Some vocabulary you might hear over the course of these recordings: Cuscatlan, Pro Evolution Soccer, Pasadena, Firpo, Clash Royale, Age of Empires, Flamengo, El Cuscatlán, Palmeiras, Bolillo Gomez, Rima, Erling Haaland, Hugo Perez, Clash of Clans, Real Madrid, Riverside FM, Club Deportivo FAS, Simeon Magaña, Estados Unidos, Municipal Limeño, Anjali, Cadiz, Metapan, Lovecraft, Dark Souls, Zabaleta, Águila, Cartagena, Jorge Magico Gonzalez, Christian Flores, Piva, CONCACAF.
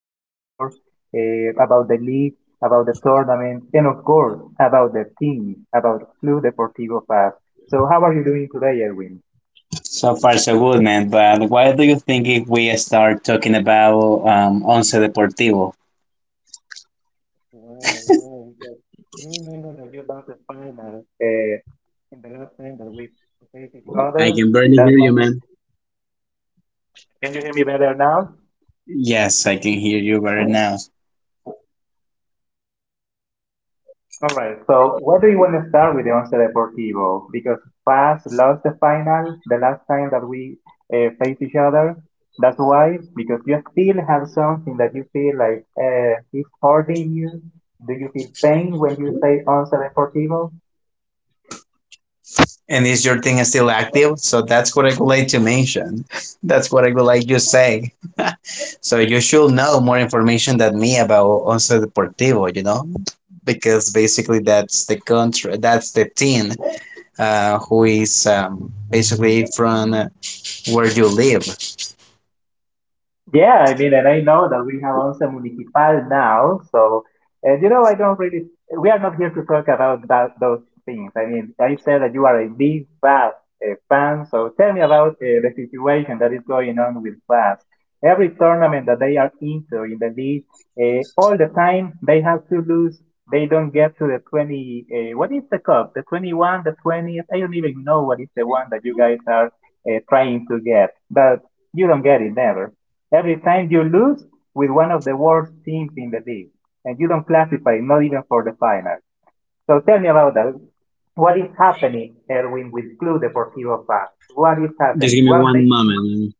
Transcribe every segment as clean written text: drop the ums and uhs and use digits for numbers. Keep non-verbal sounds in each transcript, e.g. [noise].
El Salvador, about the league, about the tournament, and of course, about the team, about Club Deportivo FAS. So, how are you doing today, Edwin? So far, so good, man. But why do you think if we start talking about Once Deportivo? Uh, I Brother, can barely that's hear my. you, man. Can you hear me better now? Yes, I can hear you better now. All right. So, what do you want to start with the Once Deportivo? Because FAS lost the final the last time that we faced each other. That's why, because you still have something that you feel like is hurting you. Do you feel pain when you say Once Deportivo? And is your thing still active? So that's what I would like to mention. [laughs] That's what I would like to say. So you should know more information than me about Once Deportivo, you know? Because basically that's the country, that's the team who is basically from where you live. Just Yeah, I mean, and I know that we have Once Municipal now, so and I don't really. We are not here to talk about that those things. I mean, I said that you are a big Fast fan, so tell me about the situation that is going on with Fast. Every tournament that they are into in the league, all the time they have to lose. They don't get to the 20. What is the cup? The 21, the 20th. I don't even know what is the one that you guys are trying to get, but you don't get it never. Every time you lose with one of the worst teams in the league, and you don't classify, not even for the final. So tell me about that. What is happening, Erwin, with Club Deportivo fans? What is give happening? me What one they do? moment.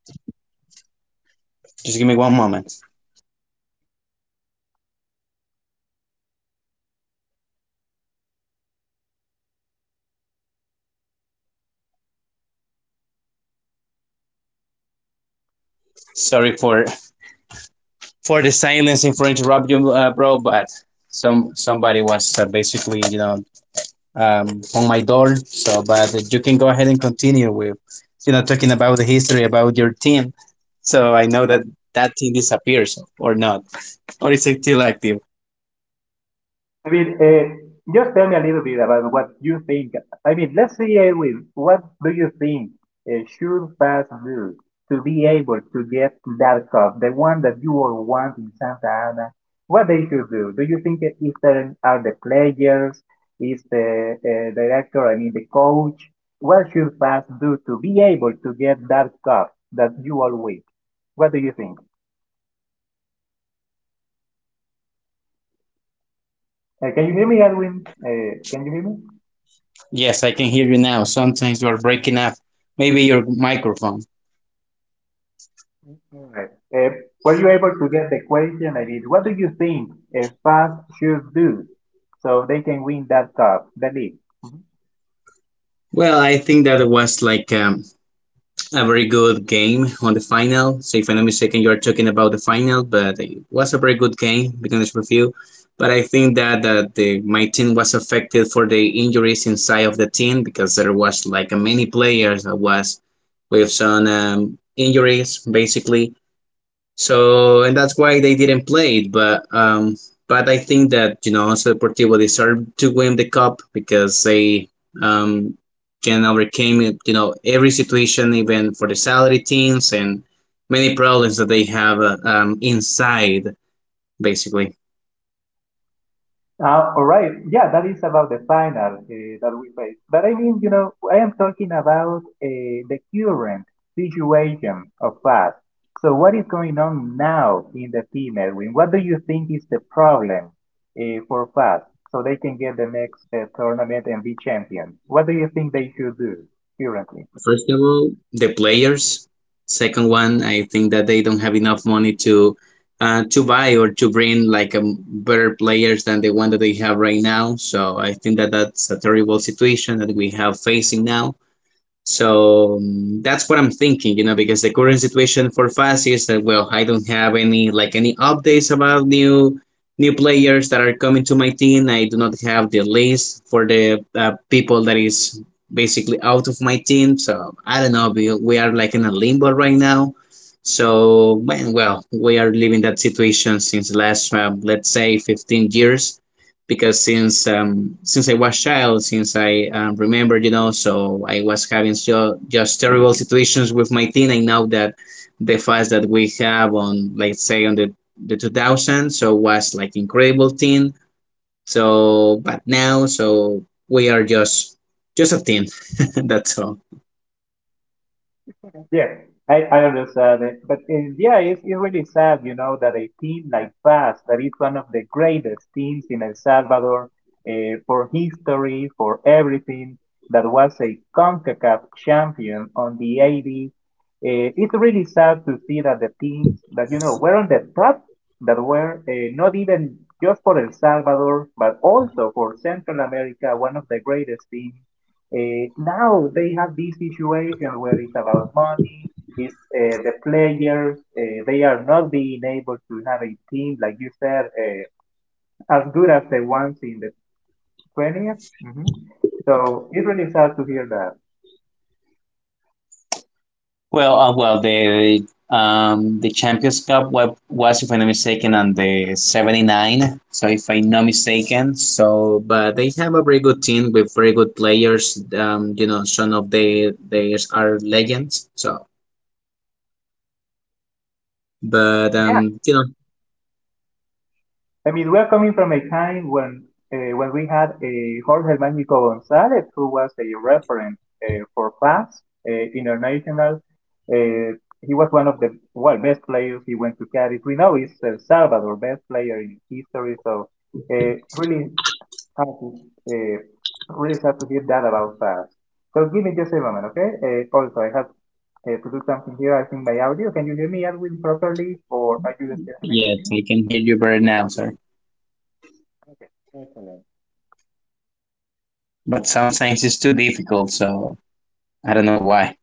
Just give me one moment. Sorry for the silence and for interrupting you, bro. But somebody was basically on my door. So, but you can go ahead and continue with talking about the history about your team. So I know that team disappears or not, or is it still active? I mean, just tell me a little bit about what you think. I mean, let's say I will. What do you think should Fast do to be able to get that cup, the one that you all want in Santa Ana? What they should do? Do you think that if there are the players, is the director, I mean the coach? What Sorry, bro. should Can you Fast repeat it? do to be able to get that cup that you all want? What do you think? Hello, do you hear me? Can you hear me, Edwin? Can you hear me? Yes, I can hear you now. Sometimes you are breaking up. Maybe your microphone. Right. Were you able to get the question I did? What do you think FAS should do so they can win that cup, the league? Mhm. Well, I think that it was like a very good game on the final. So if I'm not mistaken, you are talking about the final, but it was a very good game because of you. But I think that my team was affected for the injuries inside of the team because there was like many players that was with some injuries basically. So and that's why they didn't play it. But I think that, you know, also Deportivo deserved to win the cup because they um can overcame it, you know, every situation, even for the salary teams and many problems that they have inside basically. All right. Yeah, that is about the final that we face. But I mean, I am talking about the current situation of FAS. So what is going on now in the female wing? What do you think is the problem for FAS so they can get the next tournament and be champion? What do you think they should do currently? First of all, the players. Second one, I think that they don't have enough money to buy or to bring like a better players than the one that they have right now. So I think that that's a terrible situation that we have facing now. So that's what I'm thinking, you know, because the current situation for FAS is that, well, I don't have any like any updates about new players that are coming to my team. I do not have the list for the people that is basically out of my team. So I don't know. We are like in a limbo right now. So, man, well, we are living that situation since last let's say 15 years because since I was child, since I remember, you know, so I was having so, just terrible situations with my teen. I know that the fast that we have on, let's say, on the 2000, so was like incredible teen. So, but now, so we are just a teen. [laughs] That's all. Yeah, I understand it. But yeah, it's really sad, that a team like PAS, that is one of the greatest teams in El Salvador uh, for history, for everything, that was a CONCACAF champion on the 80s. It's really sad to see that the teams that, were on the top, that were not even just for El Salvador, but also for Central America, one of the greatest teams. Now they have this situation where it's about money. It's the players. They are not being able to have a team like you said as good as the ones in the 20th. hmm So it's really sad to hear that. Well, the Champions Cup was, if I'm not mistaken, on the 79. So if I'm not mistaken, so but they have a very good team with very good players. You know, some of the players are legends. So, but you know, I mean, we are coming from a time when we had a Jorge Magico Gonzalez, who was a reference for class international. Uh, he was one of the well best players. He went to Cadiz. We know he's El Salvador best player in history. So really hard to uh, really sad to hear that about us. So give me just a moment, okay? Also, I have to do something here. I think my audio. Can you hear me, Edwin, properly, or are you still having yes, issues? I can hear you better now, sir. But sometimes it's too difficult, so I don't know why.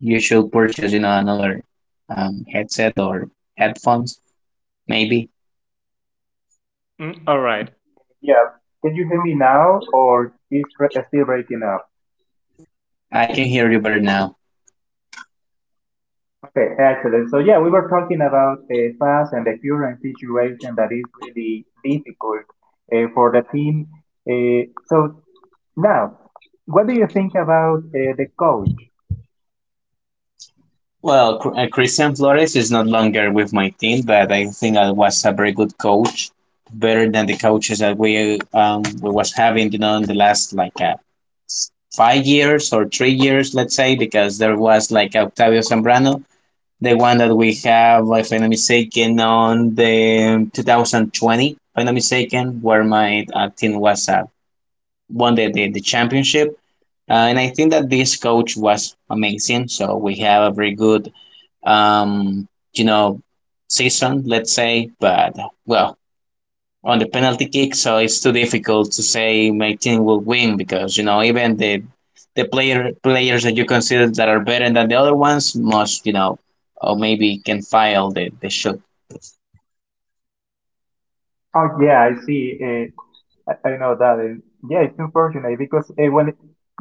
You should purchase, you know, another headset or headphones, maybe. Yeah. Can you hear me now or still breaking up? I can hear you better now. Okay, excellent. So yeah, we were talking about fast and the current situation that is really difficult for the team. So now, what do you think about the coach? Well, Christian Flores is not longer with my team, but I think I was a very good coach, better than the coaches that we was having, you know, in the last like 5 years or 3 years, let's say, because there was like Octavio Zambrano, the one that we have, if I'm not mistaken, on the 2020, if I'm not mistaken, where my team was won the championship. And I think that this coach was amazing. So we have a very good um, you know, season, let's say. But well, on the penalty kick, so it's too difficult to say my team will win because, you know, even the players that you consider that are better than the other ones must, you know, or maybe can file the shot. Oh yeah, I see. I know that. Yeah, it's unfortunate because when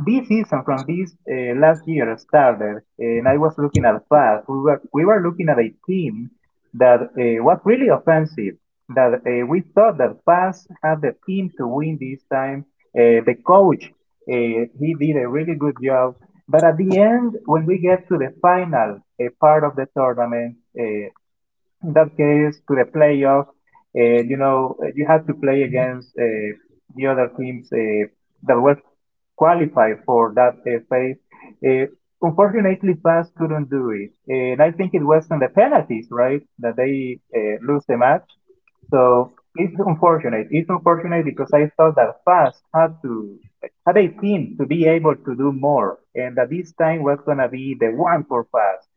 this season from this last year started, and I was looking at fast, we were looking at a team that was really offensive. That we thought that fast had the team to win this time. The coach he did a really good job. But at the end, when we get to the final part of the tournament, in that case to the playoff. You have to play against the other teams that were qualified for that phase. Uh, Unfortunately, FAS couldn't do it, and I think it was on the penalties, right, that they lose the match. So it's unfortunate. It's unfortunate because I thought that FAS had to had a team to be able to do more, and that this time was gonna be the one for FAS.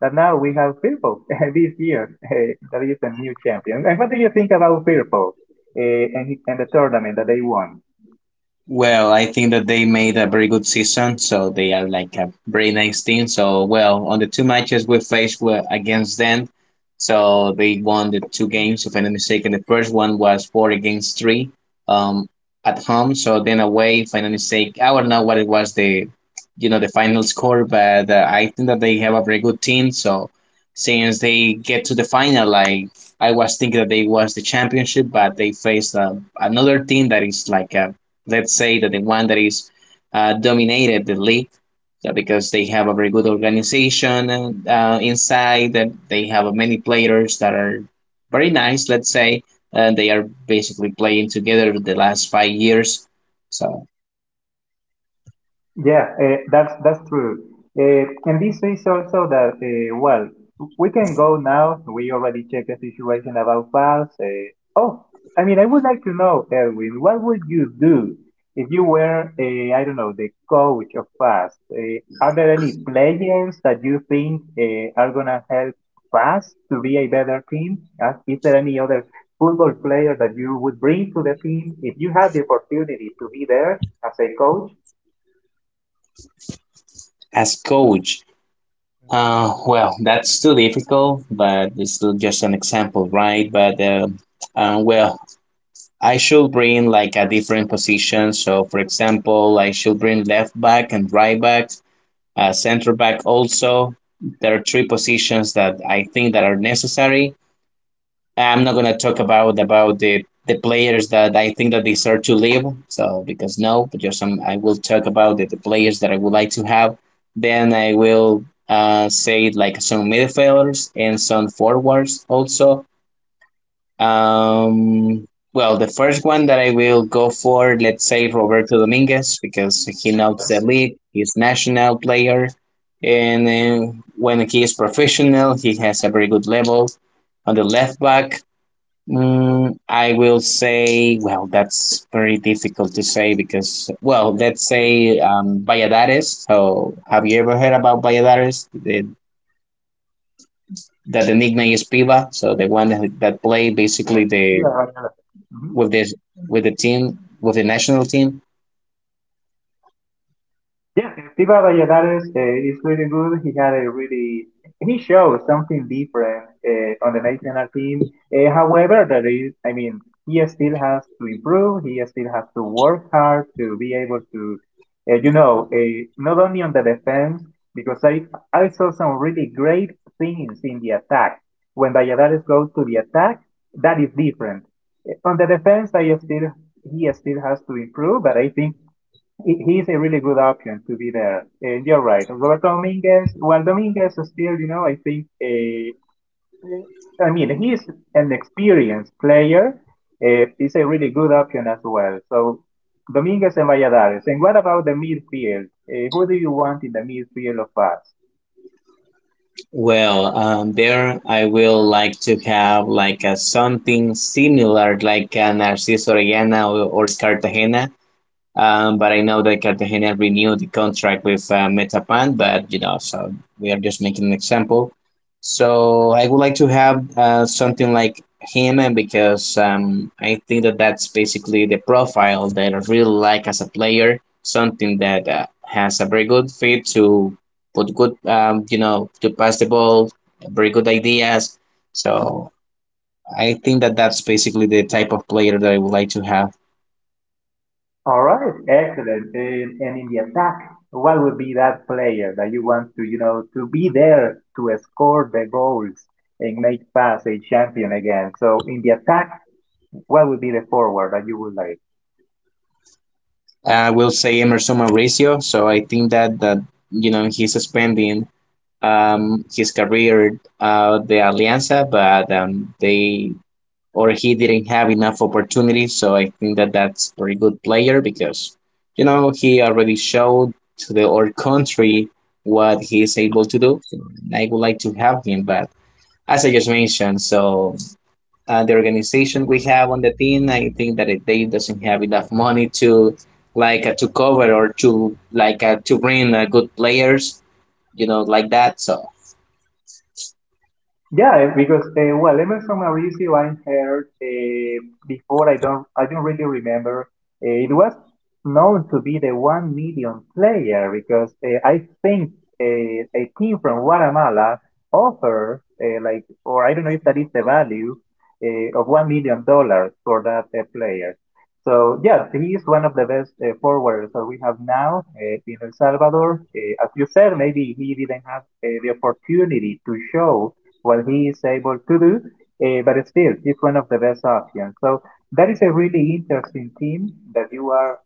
But now we have Firpo [laughs] this year. That is a new champion. And what do you think about Firpo and the tournament that they won? Well, I think that they made a very good season, so they are like a very nice team. So, well, on the two matches we faced were against them, so they won the two games. If I'm not mistaken, the first one was four against three, um, at home. So then away, if I'm not mistaken, I don't know what it was the, you know, the final score, but I think that they have a very good team. So since they get to the final, like I was thinking that they was the championship, but they faced another team that is like a, let's say, that the one that is dominated the league because they have a very good organization inside that they have many players that are very nice, let's say, and they are basically playing together the last 5 years. So Yeah, that's true. And this says also that well, we can go now. We already checked the situation about files. Oh, I mean, I would like to know, Erwin, what would you do if you were, I don't know, the coach of FAST? Are there any players that you think are gonna help FAST to be a better team? Is there any other football player that you would bring to the team if you had the opportunity to be there as a coach? as coach, well, that's too difficult, but it's still just an example, right? But well, I should bring like a different position. So for example, I should bring left back and right back, center back also. There are three positions that I think that are necessary. I'm not gonna talk about the players that I think that deserve to leave. So because no, but just I will talk about the players that I would like to have. Then I will say like some midfielders and some forwards also. Um, well, the first one that I will go for, let's say, Roberto Dominguez, because he knows the Yes, yes, league, he's a national player, and when he is professional, he has a very good level. On the left back, I will say, well, that's very difficult to say because, well, let's yes. say Valladares. So, have you ever heard about Valladares? The, that the nickname is Piva, so the one that played basically Actually, the mhm. with this with the team with the national team? Yeah, Pipa Valladares is really good. He had a really he showed something different on the national team. However, there is, I mean, he still has to improve. He still has to work hard to be able to, not only on the defense because I saw some really great things in the attack. When Valladares goes to the attack, that is different. On the defense, I still he still has to improve, but I think he's a really good option to be there. And you're right. Roberto Dominguez, well, Dominguez is still, I think, I mean, he's an experienced player. He's a really good option as well. So, Dominguez and Valladares. And what about the midfield? Who do you want in the midfield of us? Well, there I will like to have like a something similar like an Narciso Orellana or Cartagena. But I know that Cartagena renewed the contract with Metapan, but, you know, so we are just making an example. So I would like to have something like him, because I think that that's basically the profile that I really like as a player, something that has a very good fit to put good, you know, to pass the ball, very good ideas. So I think that that's basically the type of player that I would like to have. All right, excellent. And in the attack, what would be that player that you want to, to be there to score the goals and make us a champion again? So in the attack, what would be the forward that you would like? Will say Emerson Mauricio. So I think that you know, he's spending his career the Alianza, but they or he didn't have enough opportunities. So I think that that's a very good player because, you know, he already showed to the whole country what he is able to do. I would like to have him, but as I just mentioned, so the organization Mhm. we have on the team, I think that it, they doesn't have enough money to like to cover or to like to bring good players, you know, like that. So Yeah, because well, Emerson Mauricio I heard before. I don't really remember. It was known to be the 1 million player because I think a team from Guatemala offered like, or I don't know if that is the value of $1 million for that player. So yeah, he is one of the best forwards that we have now in El Salvador. As you said, maybe he didn't have the opportunity to show well he is able to do, but still it's one of the best options. So that is a really interesting team that you are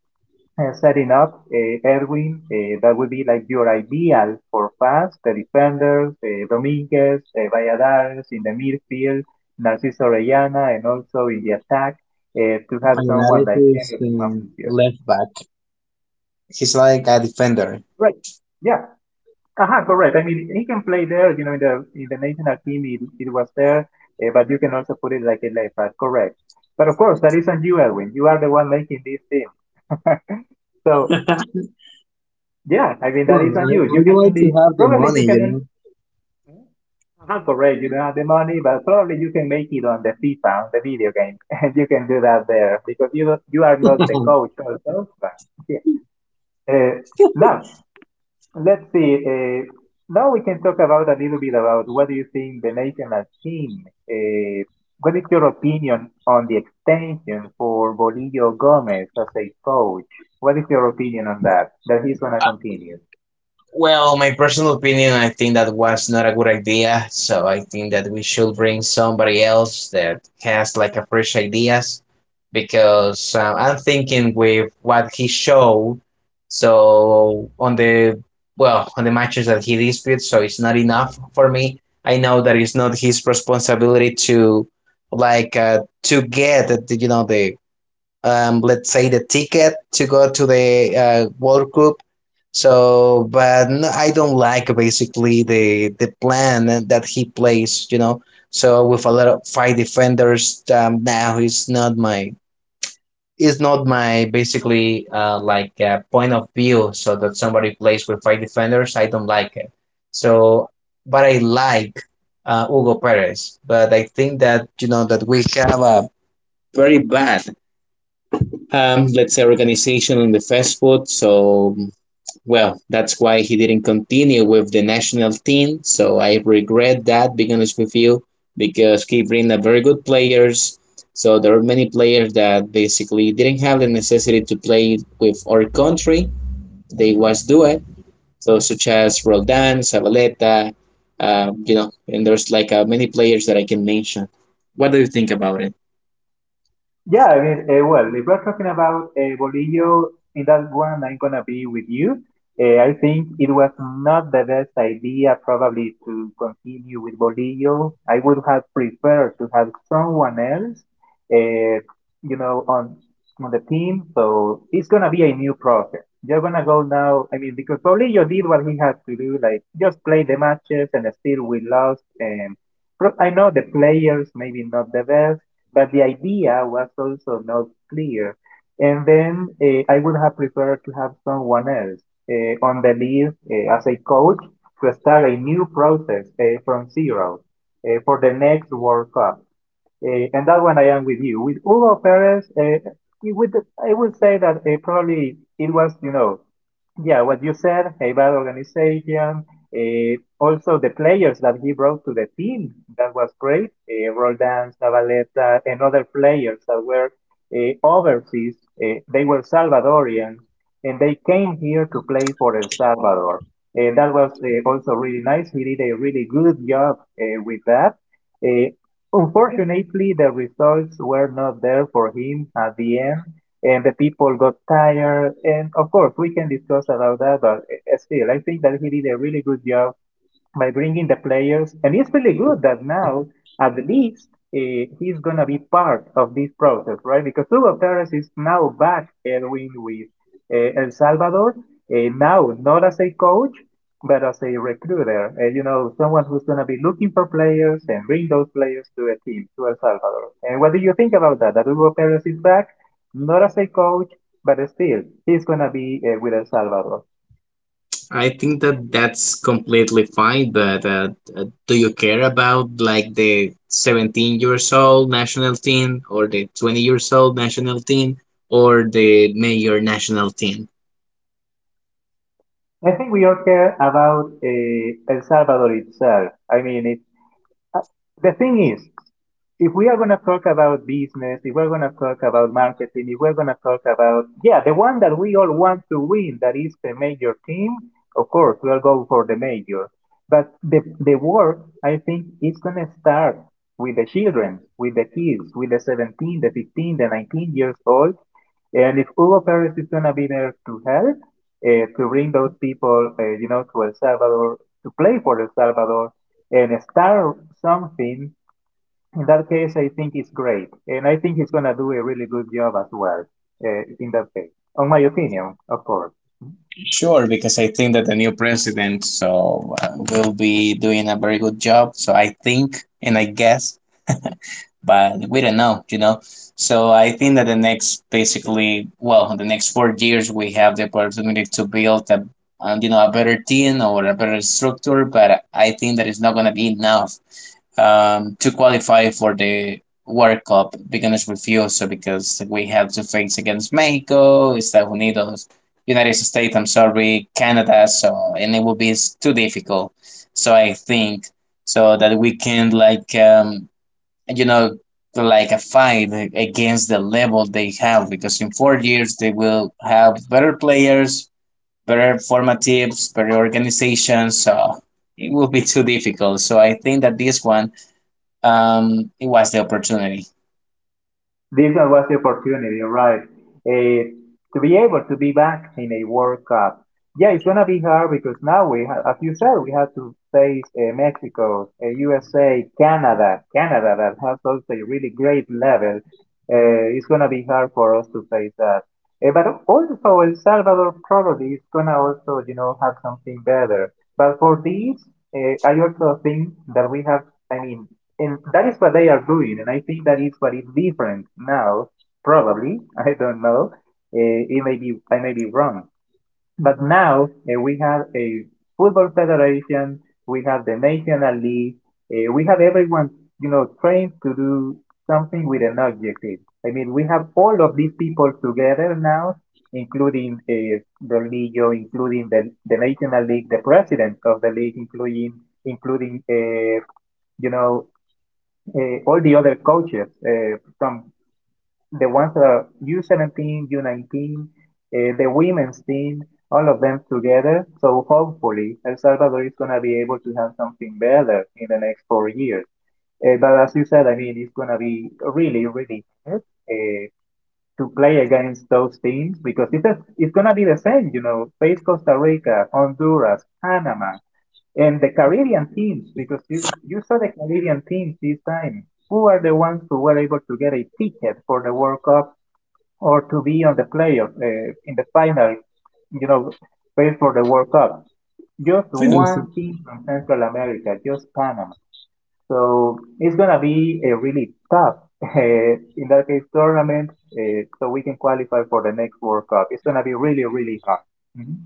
setting up, Erwin. That would be like your ideal for fast, the defenders, Dominguez, Valladares in the midfield, Narciso Orellana, and also in the attack to have someone Valladares like is him. left back. He's like a defender. Right. Yeah. Uh-huh, correct. I mean, he can play there, in the national team, it was there, but you can also put it like a left back, correct. But of course, that is on you, Edwin. You are the one making this team. [laughs] So yeah, I mean, that Well, is on I, you. I You can would like to only have the probably you money, can only you uh-huh, correct. You don't have the money, but probably you can make it on the FIFA, on the video game, [laughs] and you can do that there because you are not the know. [laughs] coach also. But, yeah. Uh, Now. Let's see. Now we can talk about a little bit about what do you think the national team? Uh, what is your opinion on the extension for Bolillo Gomez as a coach? What is your opinion on that? That he's gonna continue? Well, my personal opinion, I think that was not a good idea. So I think that we should bring somebody else that has like a fresh ideas because I'm thinking with what he showed. So on the, well, on the matches that he disputed, so it's not enough for me. I know that it's not his responsibility to like to get, you know, the let's say, the ticket to go to the World Cup. So, but no, I don't like basically the plan that he plays. You know, so with a lot of five defenders now, he's not my, is not my basically like point of view. So that somebody plays with five defenders, I don't like it. So but I like Hugo Perez, but I think that, you know, that we have a very bad let's say, organization in the fast food. So well, that's why he didn't continue with the national team. So I regret that, being honest with you, because he bring a very good players. So there are many players that basically didn't have the necessity to play with our country. They was do it. So such as Roldan, Zabaleta, you know, and there's like many players that I can mention. What do you think about it? Yeah, I mean, well, if we're talking about Bolillo, in that one, I'm gonna be with you. I think it was not the best idea probably to continue with Bolillo. I would have preferred to have someone else, uh, you know, on on the team. So it's gonna be a new process. You're gonna go now. I mean, because Bolillo did what he had to do, like just play the matches, and still we lost. And I know the players maybe not the best, but the idea was also not clear. And then I would have preferred to have someone else on the list as a coach to start a new process from zero for the next World Cup. And that one I am with you. With Hugo Perez, it would, I would say that probably it was, you know, yeah, what you said, a bad organization. Uh, Also, the players that he brought to the team, that was great. Roldan, Zabaleta, and other players that were overseas. They were Salvadorians, and they came here to play for El Salvador. That was also really nice. He did a really good job with that. Uh, Unfortunately, the results were not there for him at the end, and the people got tired. And of course, we can discuss about that, but still, I think that he did a really good job by bringing the players, and it's really good that now at least he's gonna be part of this process, right? Because Hugo Perez is now back, Edwin, with El Salvador, now not as a coach, but as a recruiter, you know, someone who's gonna be looking for players and bring those players to a team, to El Salvador. And what do you think about that? That Hugo Perez is back, not as a coach, but still he's gonna be with El Salvador. I think that that's completely fine, but do you care about like the 17- years old national team or the 20- years old national team or the major national team? I think we all care about El Salvador itself. I mean, it uh, the thing is, if we are going to talk about business, if we're going to talk about marketing, if we're going to talk about, yeah, the one that we all want to win, that is the major team, of course, we'll go for the major. But the work, I think, is going to start with the children, with the kids, with the 17, the 15, the 19 years old. And if Hugo Perez is going to be there to help, to bring those people, you know, to El Salvador, to play for El Salvador, and start something, in that case, I think it's great. And I think he's going to do a really good job as well in that case, on my opinion, of course. Sure, because I think that the new president will be doing a very good job. So I think and I guess, [laughs] but we don't know, you know. So I think that the next basically, well, the next 4 years we have the opportunity to build a, you know, a better team or a better structure. But I think that it's not gonna be enough to qualify for the World Cup because refused because we have to face against Mexico, Estados Unidos, United States, I'm sorry, Canada, so and it will be too difficult. So I think so that we can like you know like a fight against the level they have because in 4 years they will have better players, better formatives, better organizations, so it will be too difficult. So I think that this one it was the opportunity. This was the opportunity, right? Uh, to be able to be back in a World Cup. Yeah, it's gonna be hard because now we have, as you said, we have to face Mexico, USA, Canada, Canada that has also a really great level. It's gonna be hard for us to face that. But also El Salvador probably is gonna also, you know, have something better. But for these, I also think that we have. I mean. And that is what they are doing, and I think that is what is different now. Probably, [laughs] I don't know. It may be, I may be wrong. But now we have a football federation, we have the national league, we have everyone, you know, trained to do something with an objective. I mean, we have all of these people together now, including Ronillo, including the national league, the president of the league, including you know all the other coaches from the ones that are U17, U19, the women's team, all of them together. So hopefully El Salvador is going to be able to have something better in the next 4 years. But as you said, I mean, it's going to be really, really hard. Uh, to play against those teams because it's going to be the same, you know, face Costa Rica, Honduras, Panama, and the Caribbean teams because you saw the Caribbean teams this time. Who are the ones who were able to get a ticket for the World Cup or to be on the playoff in the final, you know, face for the World Cup? Just one team from Central America, just Panama. So it's gonna be a really tough, [laughs] in that case, tournament, so we can qualify for the next World Cup. It's gonna be really, really hard. Mhm.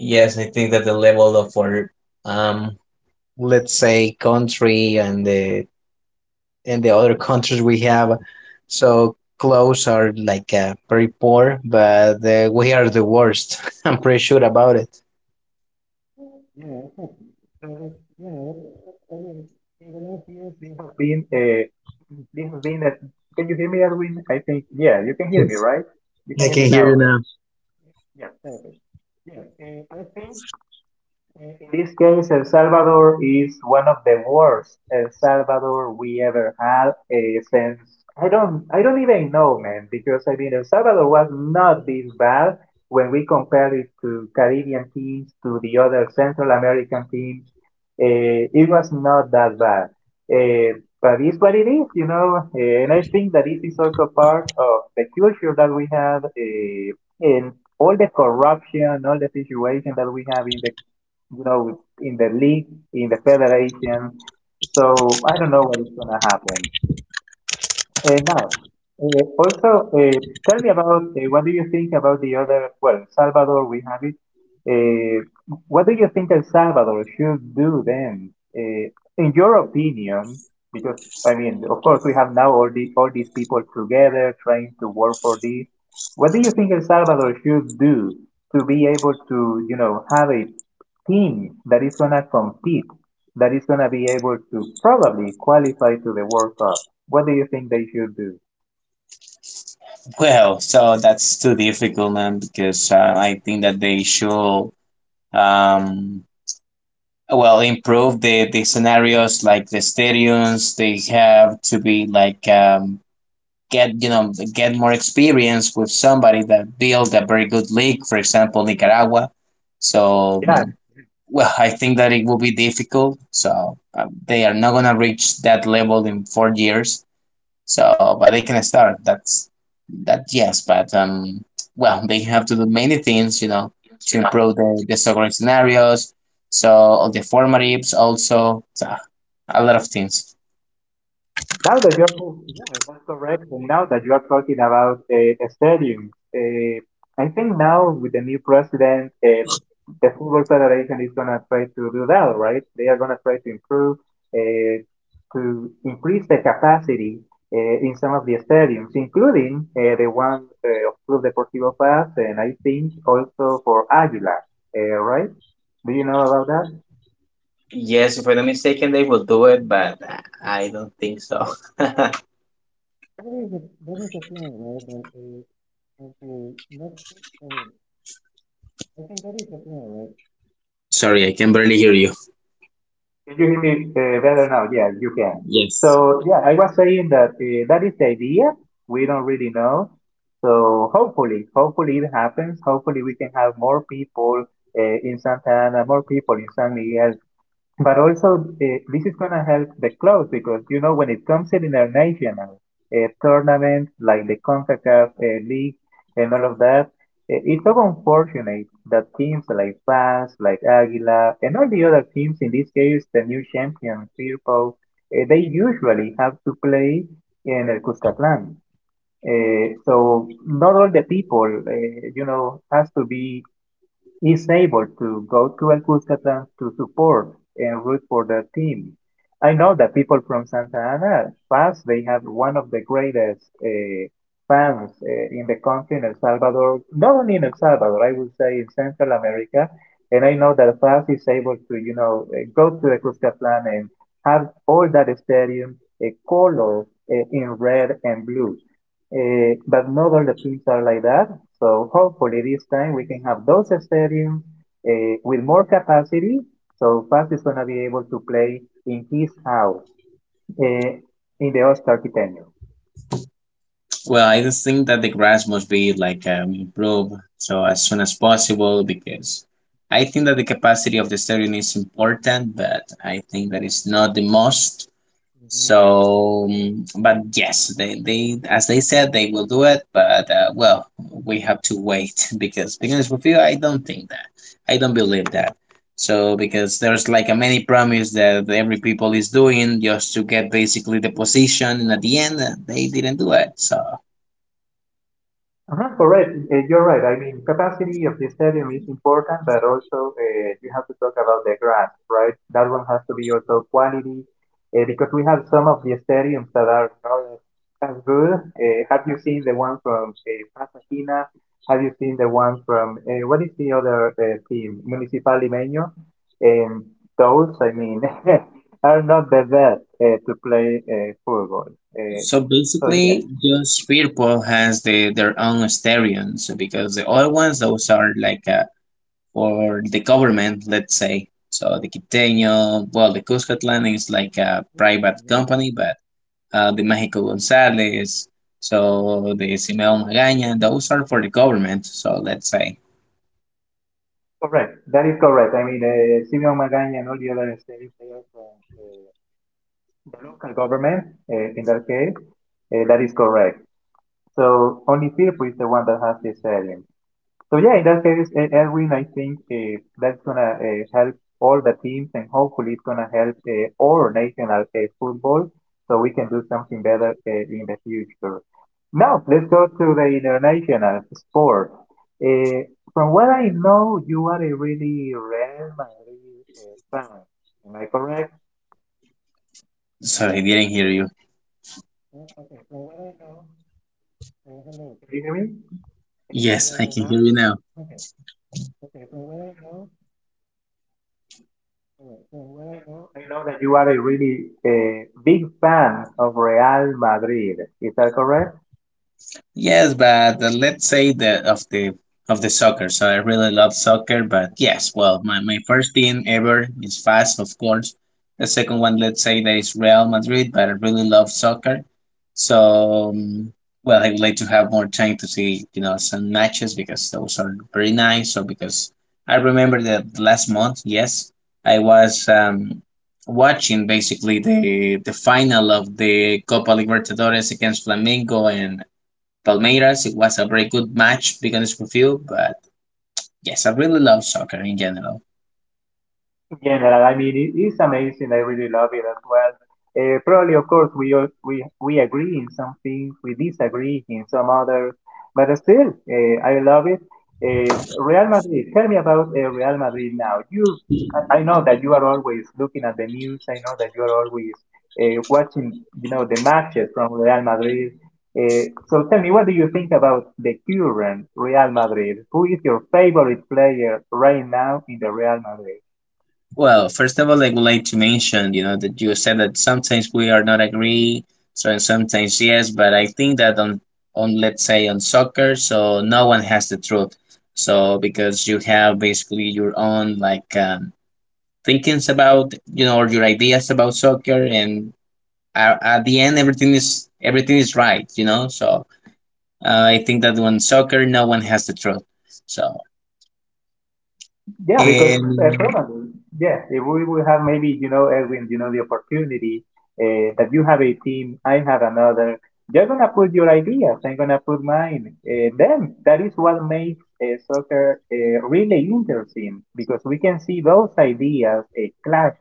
Yes, I think that the level of our um, let's say country and the other countries we have so close are like very poor, but we are the worst. [laughs] I'm pretty sure about it. Been, uh, this has been a, can you hear me, Edwin? I think, yeah, you can hear me, Yes, right? You can I hear can me now, hear you okay. now. In this case, El Salvador is one of the worst El Salvador we ever had since I don't even know, man, because I mean El Salvador was not this bad when we compare it to Caribbean teams, to the other Central American teams. It was not that bad, but it's what it is, you know. And I think that this is also part of the culture that we have in all the corruption, all the situation that we have in the in the league, in the federation. So I don't know what is going to happen. Uh, now, uh, also, uh, tell me about what do you think about the other, well, El Salvador, we have it. Uh, what do you think El Salvador should do then? Uh, in your opinion, because I mean, of course, we have now all these people together trying to work for this. What do you think El Salvador should do to be able to, you know, have a team that is gonna compete, that is gonna be able to probably qualify to the World Cup? What do you think they should do? Well, so that's too difficult, man, because I think that they should um, well, improve the scenarios like the stadiums. They have to be like get, you know, get more experience with somebody that built a very good league, for example, Nicaragua. So Yeah, well, I think that it will be difficult, so they are not going to reach that level in 4 years, so, but they can start. That's that. Yes, but well, they have to do many things, you know, to improve the soccer scenarios. So all the formatives also, so a lot of things. now that you're talking, yeah, that's correct. And now that you're talking about stadiums, I think now with the new president, the football federation is gonna try to do that, right? They are gonna try to improve, uh, to increase the capacity in some of the stadiums, including the one of Club Deportivo Paz, and I think also for Águila, right? Do you know about that? Yes, if I'm not mistaken, they will do it, but I don't think so. [laughs] Sorry, I can barely hear you. Can you hear me better now? Yeah, you can. Yes. So, yeah, I was saying that that is the idea. We don't really know. So, hopefully, hopefully it happens. Hopefully, we can have more people in Santana, more people in San Miguel, but also this is going to help the clubs because you know when it comes in international tournaments like the CONCACAF league and all of that, it's so unfortunate that teams like FAS, like Aguila, and all the other teams in this case, the new champion Firpo, they usually have to play in El Cuscatlán. So not all the people, you know, has to be is able to go to El Cuscatlán to support and root for their team. I know that people from Santa Ana fans, they have one of the greatest fans in the country in El Salvador, not only in El Salvador, I would say in Central America. And I know that FAS is able to, you know, go to the Cuscatlán and have all that stadium a color in red and blue. But not all the teams are like that. So hopefully this time we can have those stadiums with more capacity. So Fast is going to be able to play in his house uh, in the All-Star tenure. Well, I just think that the grass must be like improved so as soon as possible because I think that the capacity of the stadium is important, but I think that it's not the most. So, but yes, they as they said they will do it, but well, we have to wait. [laughs] Because being honest with you, I don't think that, I don't believe that. So because there's like a many promise that every people is doing just to get basically the position, and at the end they didn't do it. So. Uh-huh, correct. You're right. I mean, capacity of the stadium is important, but also you have to talk about the grass, right? That one has to be also quality, because we have some of the stadiums that are not as good. Have you seen the one from Pasadena? Have you seen the one from what is the other team? Municipal Limeño. And those, I mean, [laughs] are not the best to play football. So So yeah. basically, just people has the, their own stereons because the other ones those are like for the government, let's say. So the Quiteño, well, the Cuscatlan is like a private company, but the Mexico González, so the Simeon Magaña, those are for the government. So let's say. That is correct. I mean, Simeon Magaña and all the other states, the local government, in that case, that is correct. So only Firpo is the one that has this area. So yeah, in that case, Edwin, I think that's gonna help all the teams, and hopefully it's gonna help all national football, so we can do something better in the future. Now let's go to the international sport. Uh, from what I know, you are a really Real Madrid fan. Am I correct? Sorry, I didn't hear you. Eh, eh, Can you hear me Yes, I can now? hear you now. Okay. Alright, so I know that you are a really big fan of Real Madrid. Is that correct? Yes, but let's say the of the soccer. So I really love soccer, but yes, well, my first team ever is Fast, of course. The second one, let's say, that is Real Madrid, but I really love soccer. So, well, I would like to have more time to see, you know, some matches because those are very nice. So because I remember that last month, yes, I was watching basically the final of the Copa Libertadores against Flamengo and Palmeiras. It was a very good match, to be honest with you. But yes, I really love soccer in general. General. I mean, it is amazing. I really love it as well. Probably, of course, we all, we agree in some things, we disagree in some others, but still, I love it. Real Madrid. Tell me about Real Madrid now. You, I know that you are always looking at the news. I know that you are always watching, you know, the matches from Real Madrid. So tell me, what do you think about the current Real Madrid? Who is your favorite player right now in the Real Madrid? Well, first of all, I would like to mention, you know, that you said that sometimes we are not agree, so, and sometimes yes, but I think that on let's say on soccer, so no one has the truth. So because you have basically your own like thinkings about, you know, or your ideas about soccer, and at the end, everything is right, you know. So uh, I think that on soccer, no one has the truth. So, Yeah, because and probably, yeah, if we will have maybe, you know, Edwin, you know, the opportunity that you have a team, I have another, you're going to put your ideas, I'm going to put mine. Then that is what makes soccer really interesting because we can see those ideas clash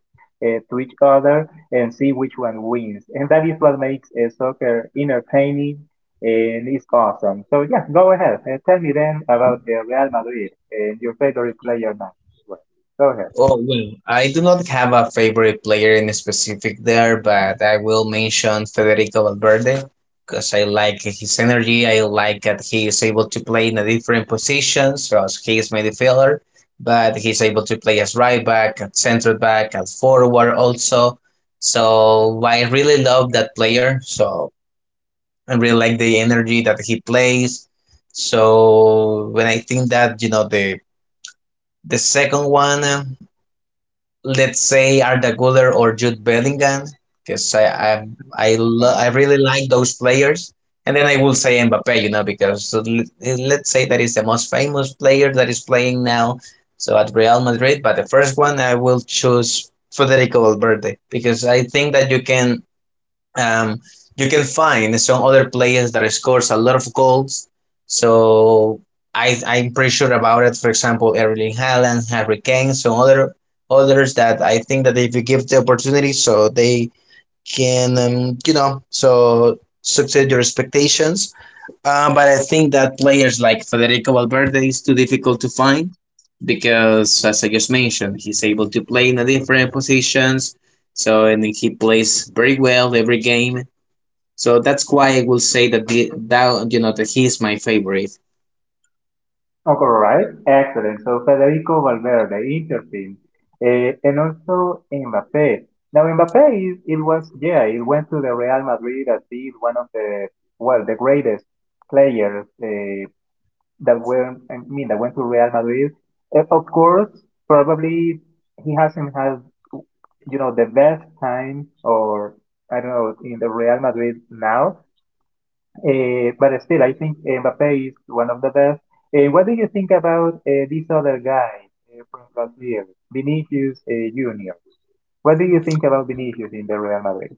to each other and see which one wins. And that is what makes soccer entertaining and it's awesome. So yeah, go ahead. Tell me then about Real Madrid and your favorite player now. Well, go ahead. oh well, I do not have a favorite player in specific there, Mhm. but I will mention Federico Valverde because I like his energy. I like that he is able to play in a different positions. So he is midfielder, but he's able to play as right back, at center back, at forward also. So I really love that player. So I really like the energy that he plays. So when I think that you know the second one, let's say Arda Guler or Jude Bellingham, because Fine. I really like those players. And then I will say Mbappe, you know, because let's say that is the most famous player that is playing now, so at Real Madrid. But the first one I will choose Federico Valverde because I think that um, you can find some other players that scores a lot of goals. So I'm pretty sure about it. For example, Erling Haaland, Harry Kane, some other others that I think that if you give the opportunity, so they can you know, so succeed your expectations. But I think that players like Federico Valverde is too difficult to find because, as I just mentioned, he's able to play in a different positions. So and he plays very well every game. So that's why I will say that that you know that he is my favorite. Okay, all right. Excellent. So Federico Valverde, interesting. And also Mbappé. Now Mbappé is it was, yeah, it went to the Real Madrid as being one of the, well, the greatest players that were, I mean, that went to Real Madrid. Of course, probably he hasn't had, you know, the best time or I don't know, in the Real Madrid now. But still, I think Mbappe is one of the best. What do you think about these other guys from Brazil, Vinicius Junior? What do you think about Vinicius in the Real Madrid?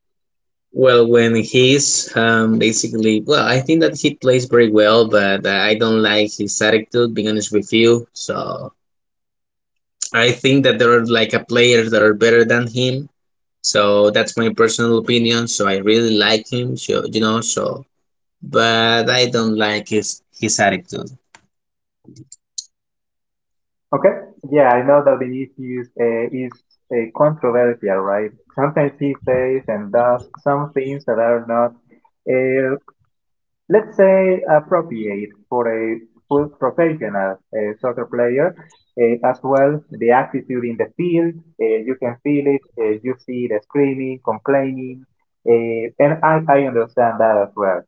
Well, when he's basically, well, I think that he plays very well, but I don't like his attitude, being honest with you. So I think that there are like a players that are better than him. So that's my personal opinion. So I really like him. So you know, so but I don't like his attitude. Okay, yeah, I know that Vinicius is controversial, right? Sometimes he says and does some things that are not, uh, let's say, appropriate for a full professional soccer player, as well. The attitude in the field, you can feel it, you see the screaming, complaining, and I understand that as well.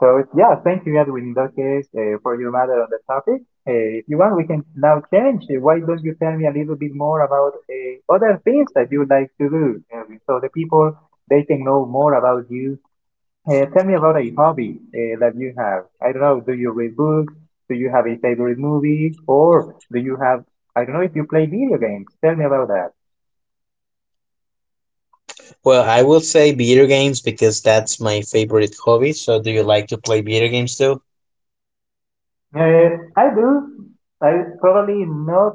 So yeah, thank you, Edwin, in that case, for your matter on the topic. uh, if you want, we can now change. Why don't you tell me a little bit more about other things that you like to do, Edwin, so the people they can know more about you. Tell me about a hobby that you have. I don't know, do you read books? Do you have a favorite movie? Or do you have, I don't know if you play video games. Tell me about that. Well, I will say video games because that's my favorite hobby. So do you like to play video games too? I do. I probably not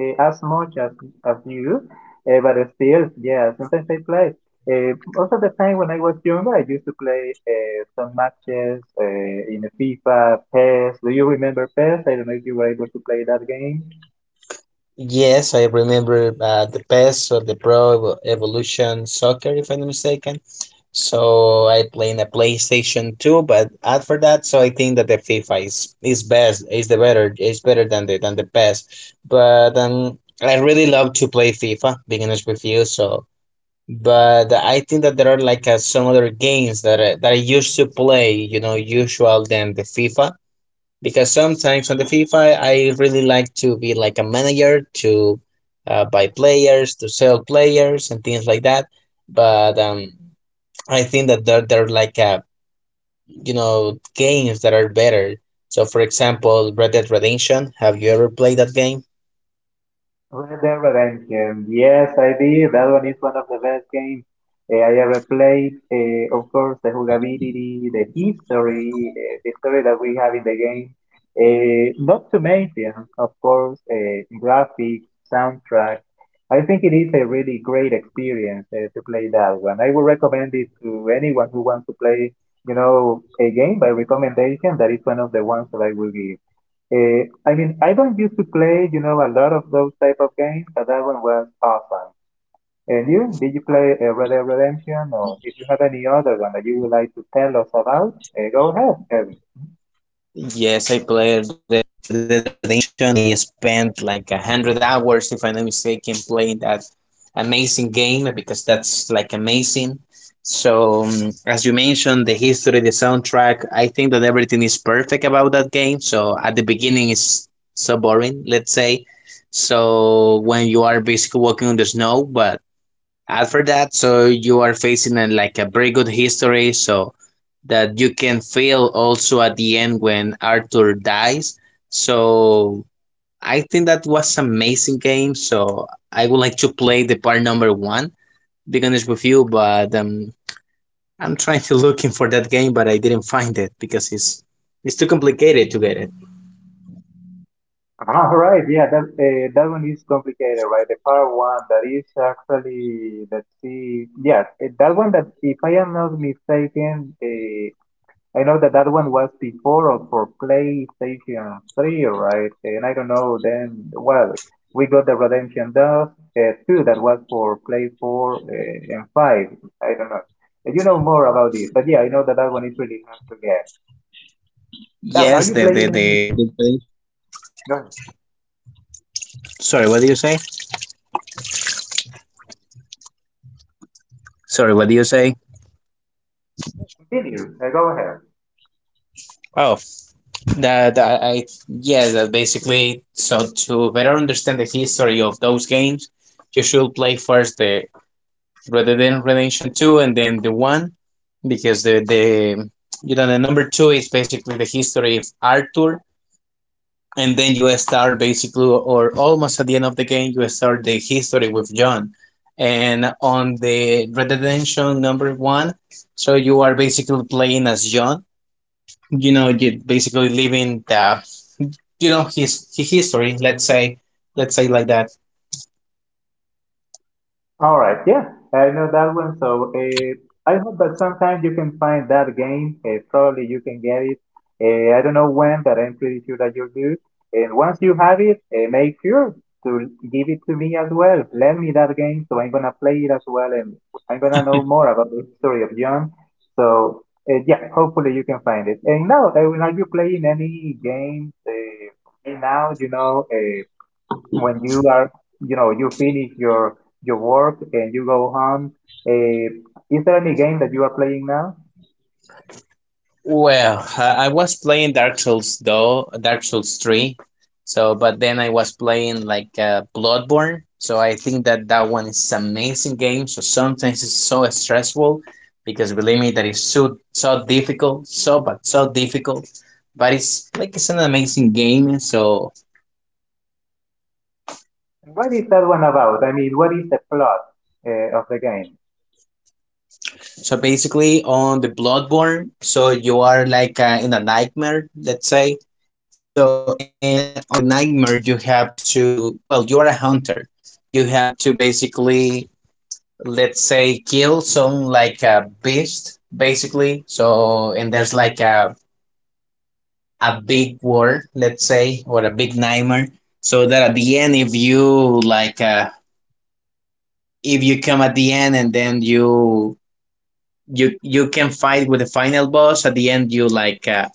as much as you, but still, yeah, sometimes I play. Most of the time when I was younger, I used to play some matches in FIFA, PES. Do you remember PES? I don't know if you were able to play that game. Yes, I remember the PES or the Evolution Soccer, if I'm not mistaken. So I play in a PlayStation 2, but after that, so I think that the FIFA is best, is the better, is better than the PES. But I really love to play FIFA, being honest with you. So, but I think that there are like some other games that I used to play, you know, usual than the FIFA because sometimes on the FIFA I really like to be like a manager to buy players, to sell players and things like that. But I think that there are like a you know games that are better. So for example, Red Dead Redemption. Have you ever played that game? Red Dead Redemption. Yes, I did. That one is one of the best games I ever played. Of course, the jugability, the history, the story that we have in the game. Not to mention, of course, graphics, soundtrack. I think it is a really great experience to play that one. I would recommend it to anyone who wants to play, you know, a game by recommendation. That is one of the ones that I will give. I mean, I don't used to play, a lot of those type of games, but that one was awesome. And you, did you play Red Dead Redemption, or if you have any other one that you would like to tell us about, go ahead, Kevin. [laughs] Yes, I played Red Dead Redemption. I spent like 100 hours, if I'm not mistaken, playing that amazing game because that's like amazing. So, as you mentioned, the history, the soundtrack, I think that everything is perfect about that game. So, at the beginning, it's so boring, let's say. So, when you are basically walking on the snow, but after that, so you are facing a, like a very good history. So, that you can feel also at the end when Arthur dies. So I think that was amazing game. So I would like to play the part number one. Be honest with you, but I'm trying to [laughs] looking for that game, but I didn't find it because it's too complicated to get it. Ah, all right, yeah, that one is complicated, right? The part one that is actually, let's see, yeah, that one that, if I am not mistaken, I know that that one was before or for PlayStation 3, right? And I don't know then, well, we got the Redemption Dust 2 that was for Play 4 and 5. I don't know. And you know more about this, but yeah, I know that that one is really hard to get. Dan, are Yes, you the playing any? the, Go ahead. sorry, what do you say? Sorry, what do you say? Continue. Go ahead. Oh, that I yeah, that basically. So to better understand the history of those games, you should play first the Rather than Redemption 2 and then the 1 because the the number 2 is basically the history of Arthur and then you start basically or almost at the end of the game you start the history with John and on the Redemption number 1 so you are basically playing as John, you know, you basically living the you know his history, let's say, let's say like that. All right, yeah, I know that one. So I hope that sometime you can find that game. Probably you can get it. I don't know when, but I'm pretty sure that you'll do. And once you have it, make sure to give it to me as well. Lend me that game, so I'm gonna play it as well, and I'm gonna know more about the history of John. So yeah, hopefully you can find it. And now, are you playing any games right now? You know. When you are, you finish your work and you go home, uh, is there any game that you are playing now? Well, I was playing Dark Souls though, Dark Souls 3. So, but then I was playing like Bloodborne. So I think that that one is amazing game. So sometimes it's so stressful because believe me, that is so difficult, so but so difficult. But it's like it's an amazing game. So. What is that one about? I mean, what is the plot of the game? So basically, on the Bloodborne, so you are like in a nightmare, let's say. So, and on the nightmare, you have to, well, you are a hunter. You have to basically, let's say, kill some like a beast, basically. So, and there's like a big war, let's say, or a big nightmare. So that at the end, if you like, if you come at the end, and then you can fight with the final boss at the end, you like.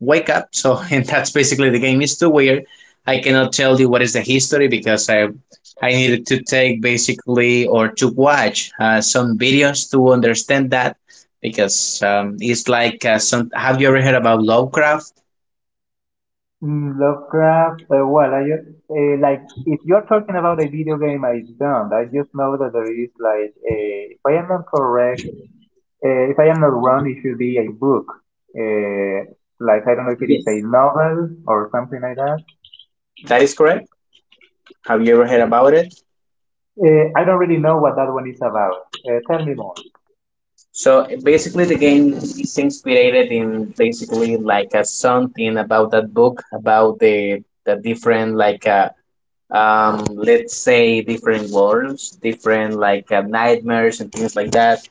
Wake up. So, [laughs] and that's basically the game. It's too weird. I cannot tell you what is the history, because I needed to take, basically, or to watch some videos to understand that, because it's like some. Have you ever heard about Lovecraft? Mm, Lovecraft. Well, I just, like, if you're talking about a video game, I don't, I just know that there is, like, a, if I am not correct, if I am not wrong, it should be a book, uh, like, I don't know if it is a novel or something like that. That is correct. Have you ever heard about it? I don't really know what that one is about. Tell me more. So basically, the game is inspired in, basically, like a something about that book, about the different, like let's say different worlds, different, like nightmares and things like that,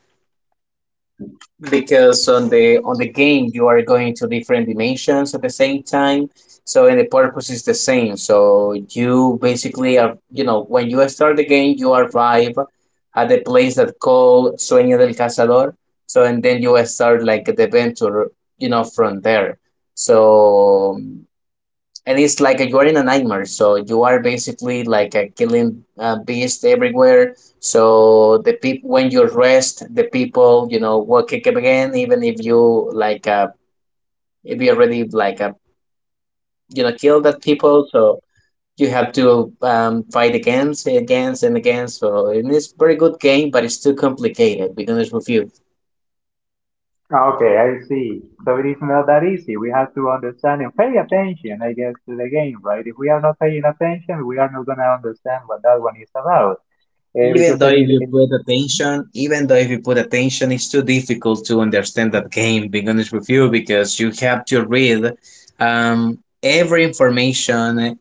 because on the game you are going to different dimensions at the same time. So and the purpose is the same. So you basically are, you know, when you start the game, you arrive at the place that called Sueño del Cazador. So and then you start like the adventure, you know, from there. So and it's like a, you're in a nightmare, so you are basically like a killing beast everywhere. So the people, when you rest, the people, you know, will kick up again, even if you like if you already like you know, kill that people. So you have to fight against against and against. So and it's very good game, but it's too complicated because it's with you. Okay, I see. So it is not that easy. We have to understand and pay attention, I guess, to the game, right? If we are not paying attention, we are not going to understand what that one is about. Uh, Even because though I if mean, you put in, attention, it's too difficult to understand that game, being honest with you, because you have to read every information,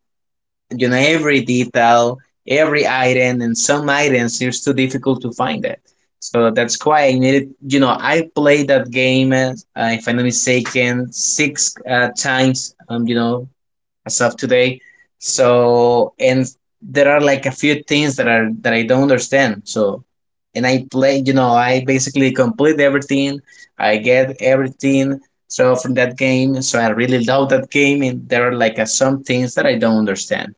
you know, every detail, every item, and some items it's too difficult to find it. So that's why I needed, you know, I played that game, if I'm not mistaken, six times, you know, as of today. So and there are like a few things that I don't understand. So and I play, you know, I basically complete everything. I get everything. So from that game, so I really love that game, and there are like some things that I don't understand.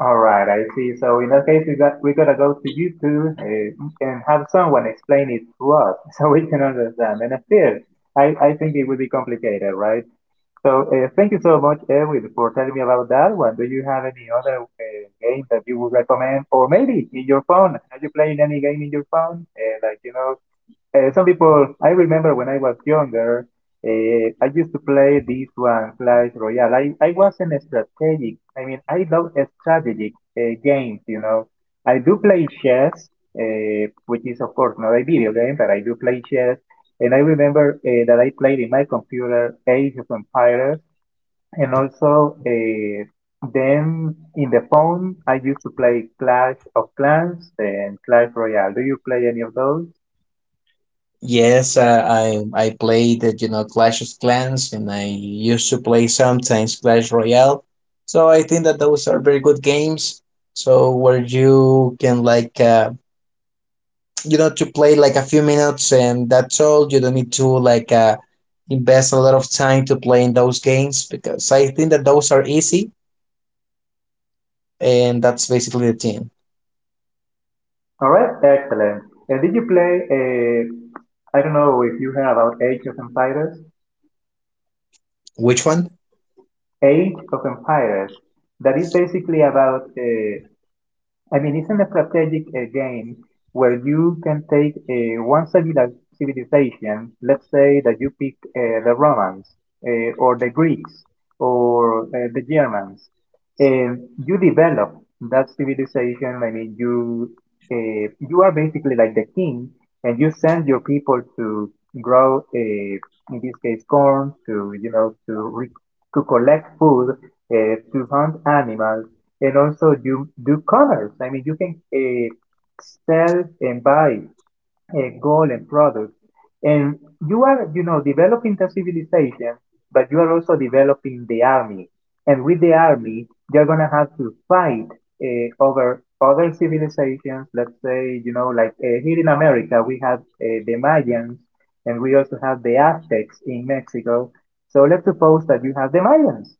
all right, I see. So in that case, we gotta go to YouTube, and have someone explain it to us [laughs] so we can understand. And still, I think it would be complicated, right? So thank you so much, Edwin, for telling me about that one. Do you have any other game that you would recommend, or maybe in your phone? Are you playing any game in your phone? Like, you know, some people. I remember when I was younger, I used to play this one, Clash Royale. I wasn't strategic. I mean, I love strategic games. You know, I do play chess, which is of course not a video game, but I do play chess. And I remember that I played in my computer Age of Empires and also, then in the phone, I used to play Clash of Clans and Clash Royale. Do you play any of those? Yes, I played, you know, Clash of Clans, and I used to play sometimes Clash Royale. So I think that those are very good games, so where you can, like you know, to play like a few minutes, and that's all. You don't need to like invest a lot of time to play in those games, because I think that those are easy, and that's basically the thing. All right, excellent. And did you play, I don't know if you heard about Age of Empires? Which one? Age of Empires. That is basically about I mean, it's a strategic game where you can take one civilization, let's say that you pick the Romans or the Greeks or the Germans, and you develop that civilization. I mean, you are basically like the king, and you send your people to grow, in this case, corn to, you know, to collect food, to hunt animals and also you do commerce. I mean, you can sell and buy a goal and product. And you are, you know, developing the civilization, but you are also developing the army. And with the army, you're gonna have to fight over other civilizations. Let's say, you know, like here in America, we have the Mayans, and we also have the Aztecs in Mexico. So let's suppose that you have the Mayans.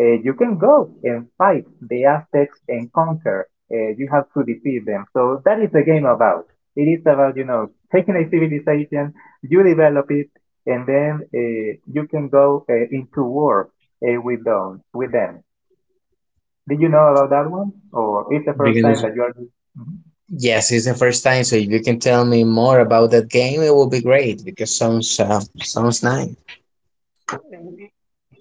You can go and fight the Aztecs and conquer. You have to defeat them. So that is the game about. It is about, you know, taking a civilization, you develop it, and then you can go into war With them. Did you know about that one, or it's the first time Beginners. that you are? Mhm. Yes, it's the first time. So if you can tell me more about that game, it will be great, because sounds sounds nice.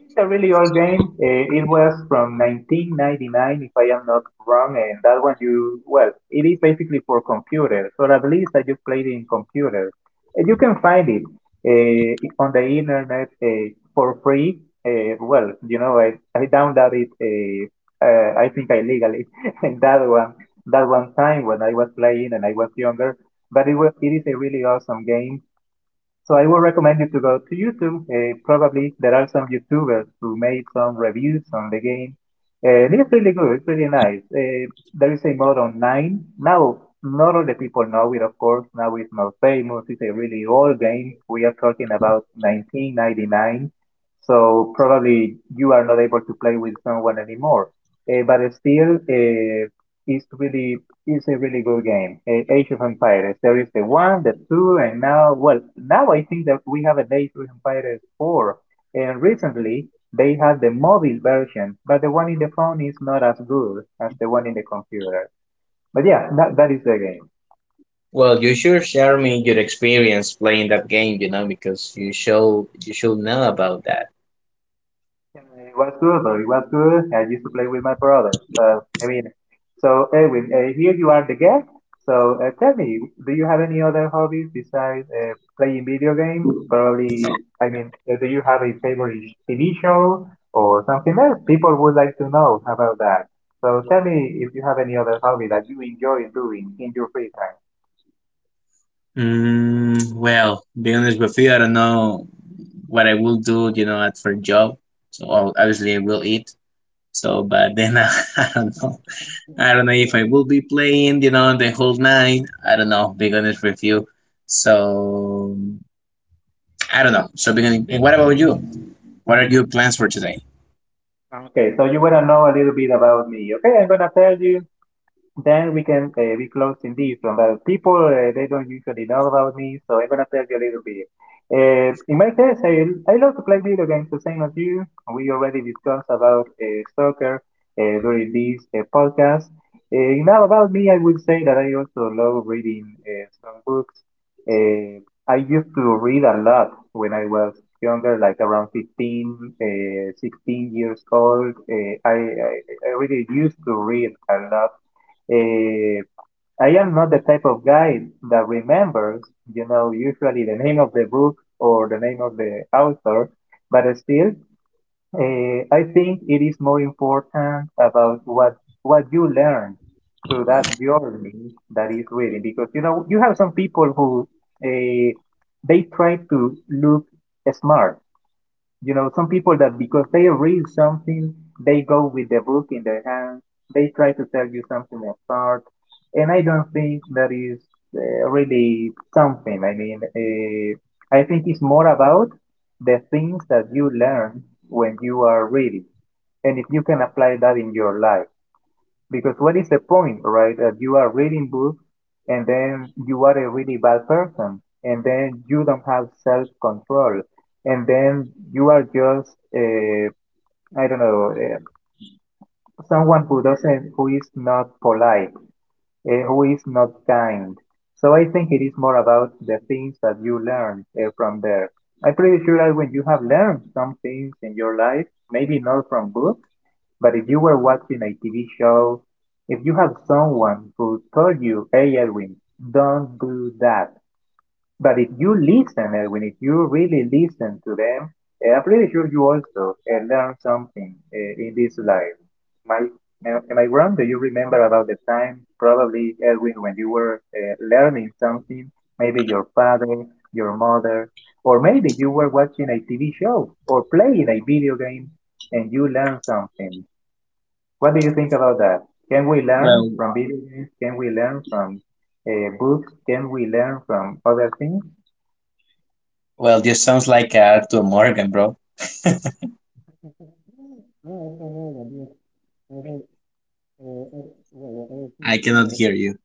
It's a really old game. It was from 1999, if I am not wrong. And that one, you well, it is basically for computers, or at least I just played it in computers. And you can find it on the internet for free. Well, you know, I downloaded it. I think illegally, [laughs] and that one time when I was playing and I was younger. But it was, it is a really awesome game. So I would recommend you to go to YouTube. Probably there are some YouTubers who made some reviews on the game. And it's really good. It's really nice. There is a mod on 9. Now, not all the people know it, of course. Now it's more famous. It's a really old game. We are talking about 1999. So probably you are not able to play with someone anymore. But still, it's really it's a really good game. Age of Empires. There is the one, the two, and now, well, now I think that we have an Age of Empires 4. And recently, they had the mobile version, but the one in the phone is not as good as the one in the computer. But yeah, that is the game. Well, you should share me your experience playing that game, you know, because you show you should know about that. Yeah, it was good though. It was good. I used to play with my brother. So, I mean, Edwin, here you are the guest. So tell me, do you have any other hobbies besides playing video games? Probably, I mean, do you have a favorite TV show or something else? People would like to know about that. So tell me if you have any other hobby that you enjoy doing in your free time. Mm, well, being honest with you, I don't know what I will do, you know, at for job. So obviously I will eat. So, but then [laughs] I don't know. I don't know if I Oh, will be playing, you know, the whole night. I don't know, being honest with you, so I don't know. So, and what about you? What are your plans for today? Okay, okay. so you wanna know a little bit about me. Okay, I'm gonna tell you. Then we can be close in this one. But people, they don't usually know about me, so I'm gonna tell you a little bit. In my case, I love to play video games the same as you. We already discussed about soccer during this podcast. Now about me, I would say that I also love reading some books. Uh, I used to read a lot when I was younger, like around 15, 16 years old. I really used to read a lot. Eh, I am not the type of guy that remembers, usually the name of the book or the name of the author, but still, I think it is more important about what you learn through that journey that is reading, because you have some people who, uh, they try to look smart, some people that, because they read something, they go with the book in their hand, they try to tell you something absurd. And I don't think that is, really something. I mean, I think it's more about the things that you learn when you are reading, and if you can apply that in your life. Because what is the point, right, that you are reading books and then you are a really bad person, and then you don't have self control, and then you are just, I don't know, someone who doesn't who is not polite, who is not kind. So I think it is more about the things that you learn from there. I'm pretty sure that when you have learned some things in your life, maybe not from books, but if you were watching a TV show, if you have someone who told you, hey, Edwin, don't do that. But if you listen, Edwin, if you really listen to them, I'm pretty sure you also learn something in this life. My, am I wrong? Do you remember about the time, probably, Edwin, when you were learning something? Maybe your father, your mother, or maybe you were watching a TV show or playing a video game and you learn something. What do you think about that? Can we Well, learn from video games? Can we learn from books? Can we learn from other things? This sounds like Arthur Morgan, bro. I cannot hear you.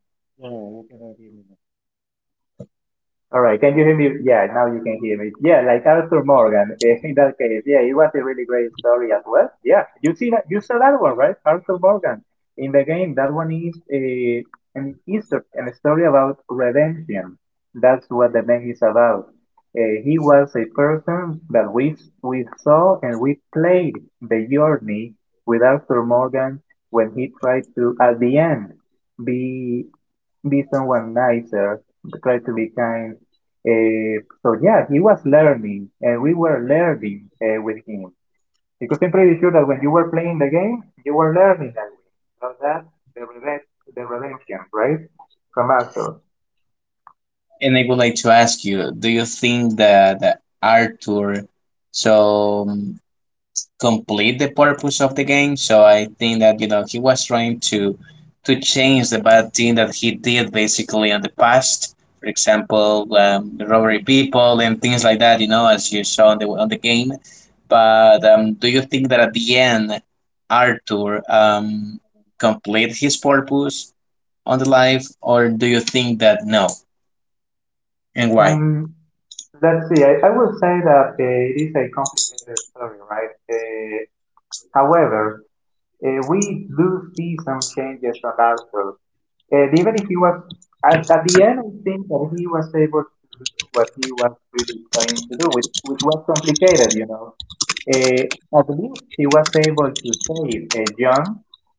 All right. Can you hear me? Yeah, now you can hear me. Yeah, like Arthur Morgan. [laughs] In that case, yeah, it was a really great story as well. Yeah, you saw that one, right? Arthur Morgan in the game. That one is a an Easter a story about redemption. That's what the game is about. He was a person that we saw and we played the journey with Arthur Morgan when he tried to, at the end, be be someone nicer, try to be kind, so yeah, he was learning, and we were learning with him. Because I'm pretty sure that when you were playing the game, you were learning that way. So that's the revenge, the redemption, right? From Astor. And I would like to ask you, do you think that Arthur so complete the purpose of the game? So I think that, you know, he was trying to change the bad thing that he did, basically, in the past. For example, robbery people and things like that, you know, as you saw on the game. But do you think that at the end, Arthur complete his purpose on the life, or do you think that no, and why? Mm, let's see. I will say that it is a complicated story, right? However, we do see some changes from Astor. And even if he was at the end, I think that he was able to do what he was really trying to do, which was complicated, you know. Eh, at least he was able to save, John,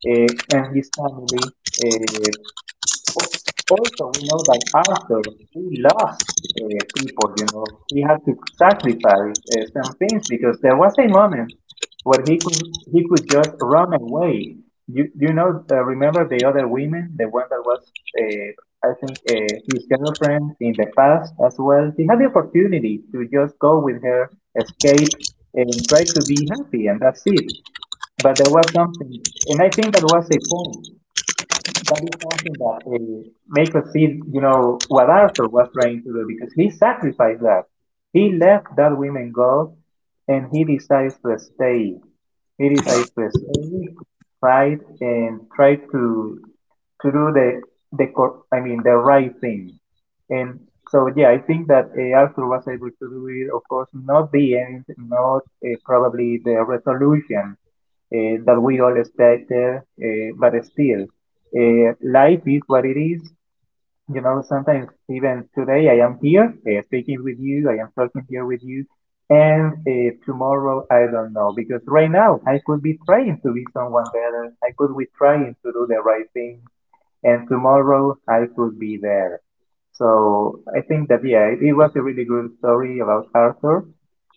and his family. uh, Al- Also, we know that Arthur, he lost, people, you know. He had to sacrifice some things because there was a moment where he could just run away. You know, remember the other women, the one that was, uh, I think, his girlfriend in the past as well. He had the opportunity to just go with her, escape, and try to be happy, and that's it. But there was something, and I think that was a point that is something that, make us see, you know, what Arthur was trying to do, because he sacrificed that. He left that woman go and he decides to stay. He decides to stay, fight, and try to do I mean the right thing. And so yeah, I think that Arthur was able to do it. Of course, not the end, not, probably, the resolution, that we all expected. But still, life is what it is. You know, sometimes even today I am here, speaking with you, I am talking here with you, and tomorrow I don't know, because right now I could be trying to be someone better. I could be trying to do the right thing and tomorrow I could be there. So I think that yeah, it was a really good story about Arthur,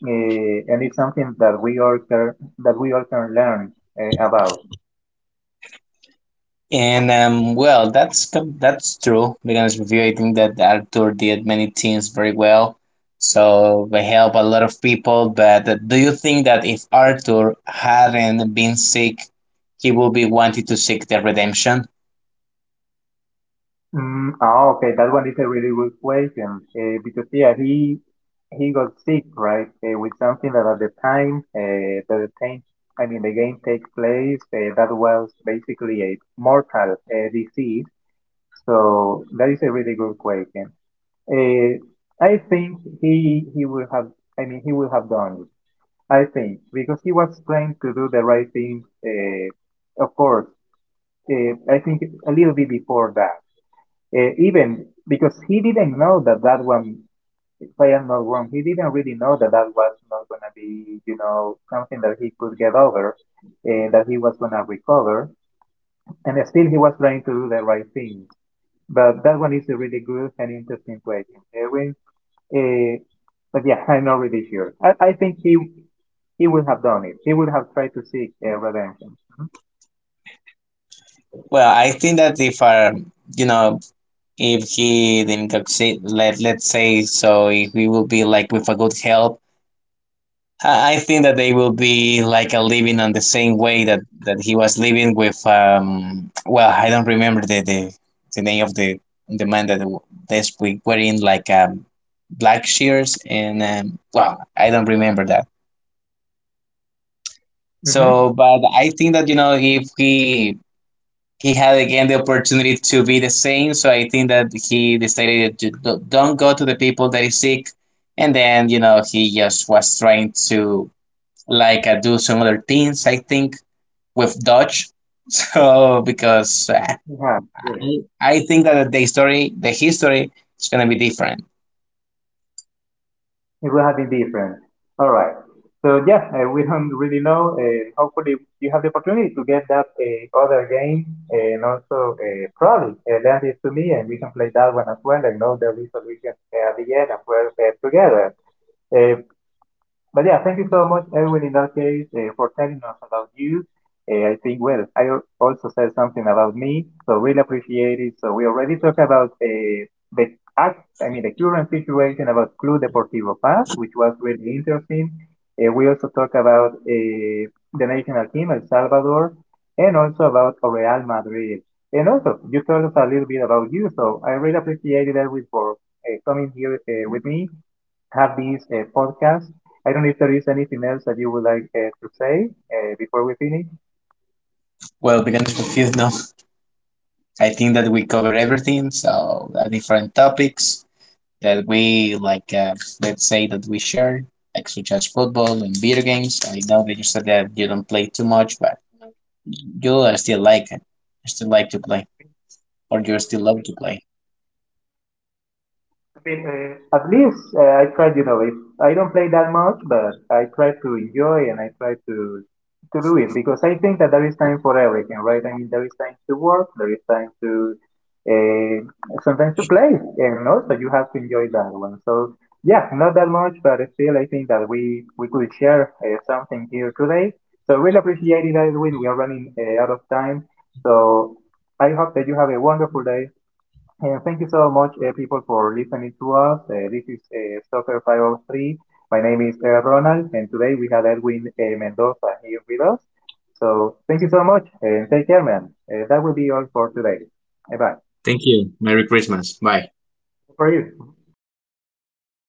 and it's something that we all can that we all can learn about. And well, that's that's true, because review, I think that Arthur did many things very well, so they help a lot of people. But do you think that if Arthur hadn't been sick, he would be wanting to seek the redemption? Okay, that one is a really good question, because yeah, he got sick, right, with something that at the time, I mean the game takes place, that was basically a mortal, disease. So that is a really good question. Uh, I think he would have. I mean, he would have done it. I think because he was trying to do the right thing. Of course, I think a little bit before that, even because he didn't know that that one. If I am not wrong, he didn't really know that that was not gonna be, you know, something that he could get over, that he was gonna recover, and still he was trying to do the right thing. But that one is a really good and interesting question, Erwin, uh, but yeah, [laughs] I'm not really sure. I think he would have done it. He would have tried to seek, redemption. Mm. Well, I think that if you know, if he incapacit let let's say, so if we will be like with a good help, I think that they will be like a living on the same way that, he was living with. Well, I don't remember the name of the man that this week wearing like black shears, and well, I don't remember that. Mm-hmm. So but I think that, you know, if he had again the opportunity to be the same, so I think that he decided to don't go to the people that is sick, and then, you know, he just was trying to like do some other things. I think with Dodge. [laughs] So because Yeah, I yes, I think that the story, the history is gonna be different. it would have been different. All right. So yeah, we [laughs] don't really know. Hopefully, you have the opportunity to get that other game, and also probably lend it to me, and we can play that one as well, and know the resolution at the end, and we'll together. Uh, But yeah, thank you so much, Erwin, in that case, for telling us about you. I think, well, I also said something about me, so really appreciate it. So we already talked about the I mean the current situation about Club Deportivo Paz, which was really interesting. We also talked about the national team, El Salvador, and also about Real Madrid. And also, you told us a little bit about you, so I really appreciated Erwin for coming here with me have this podcast. I don't know if there is anything else that you would like to say before we finish. Well, because confused, [laughs] no. I think that we covered everything, so different topics that we like, let's say that we share, like such as football and video games. I know that you said that you don't play too much, but you still like it. You still like to play, or you still love to play? I mean, at least I tried. You know, if I don't play that much, but I try to enjoy and I try to do it because I think that there is time for everything, right? I mean, there is time to work, there is time to, uh, sometimes, to play, and also you have to enjoy that one. So yeah, not that much, but still, I think that we could share something here today. So really appreciate it, Edwin. We are running out of time, so I hope that you have a wonderful day. Yeah, thank you so much, people, for listening to us. This is Soccer 503. My name is Ronald, and today we have Edwin Mendoza here with us. So thank you so much, and take care, man. That will be all for today. Bye bye. Thank you. Merry Christmas. Bye.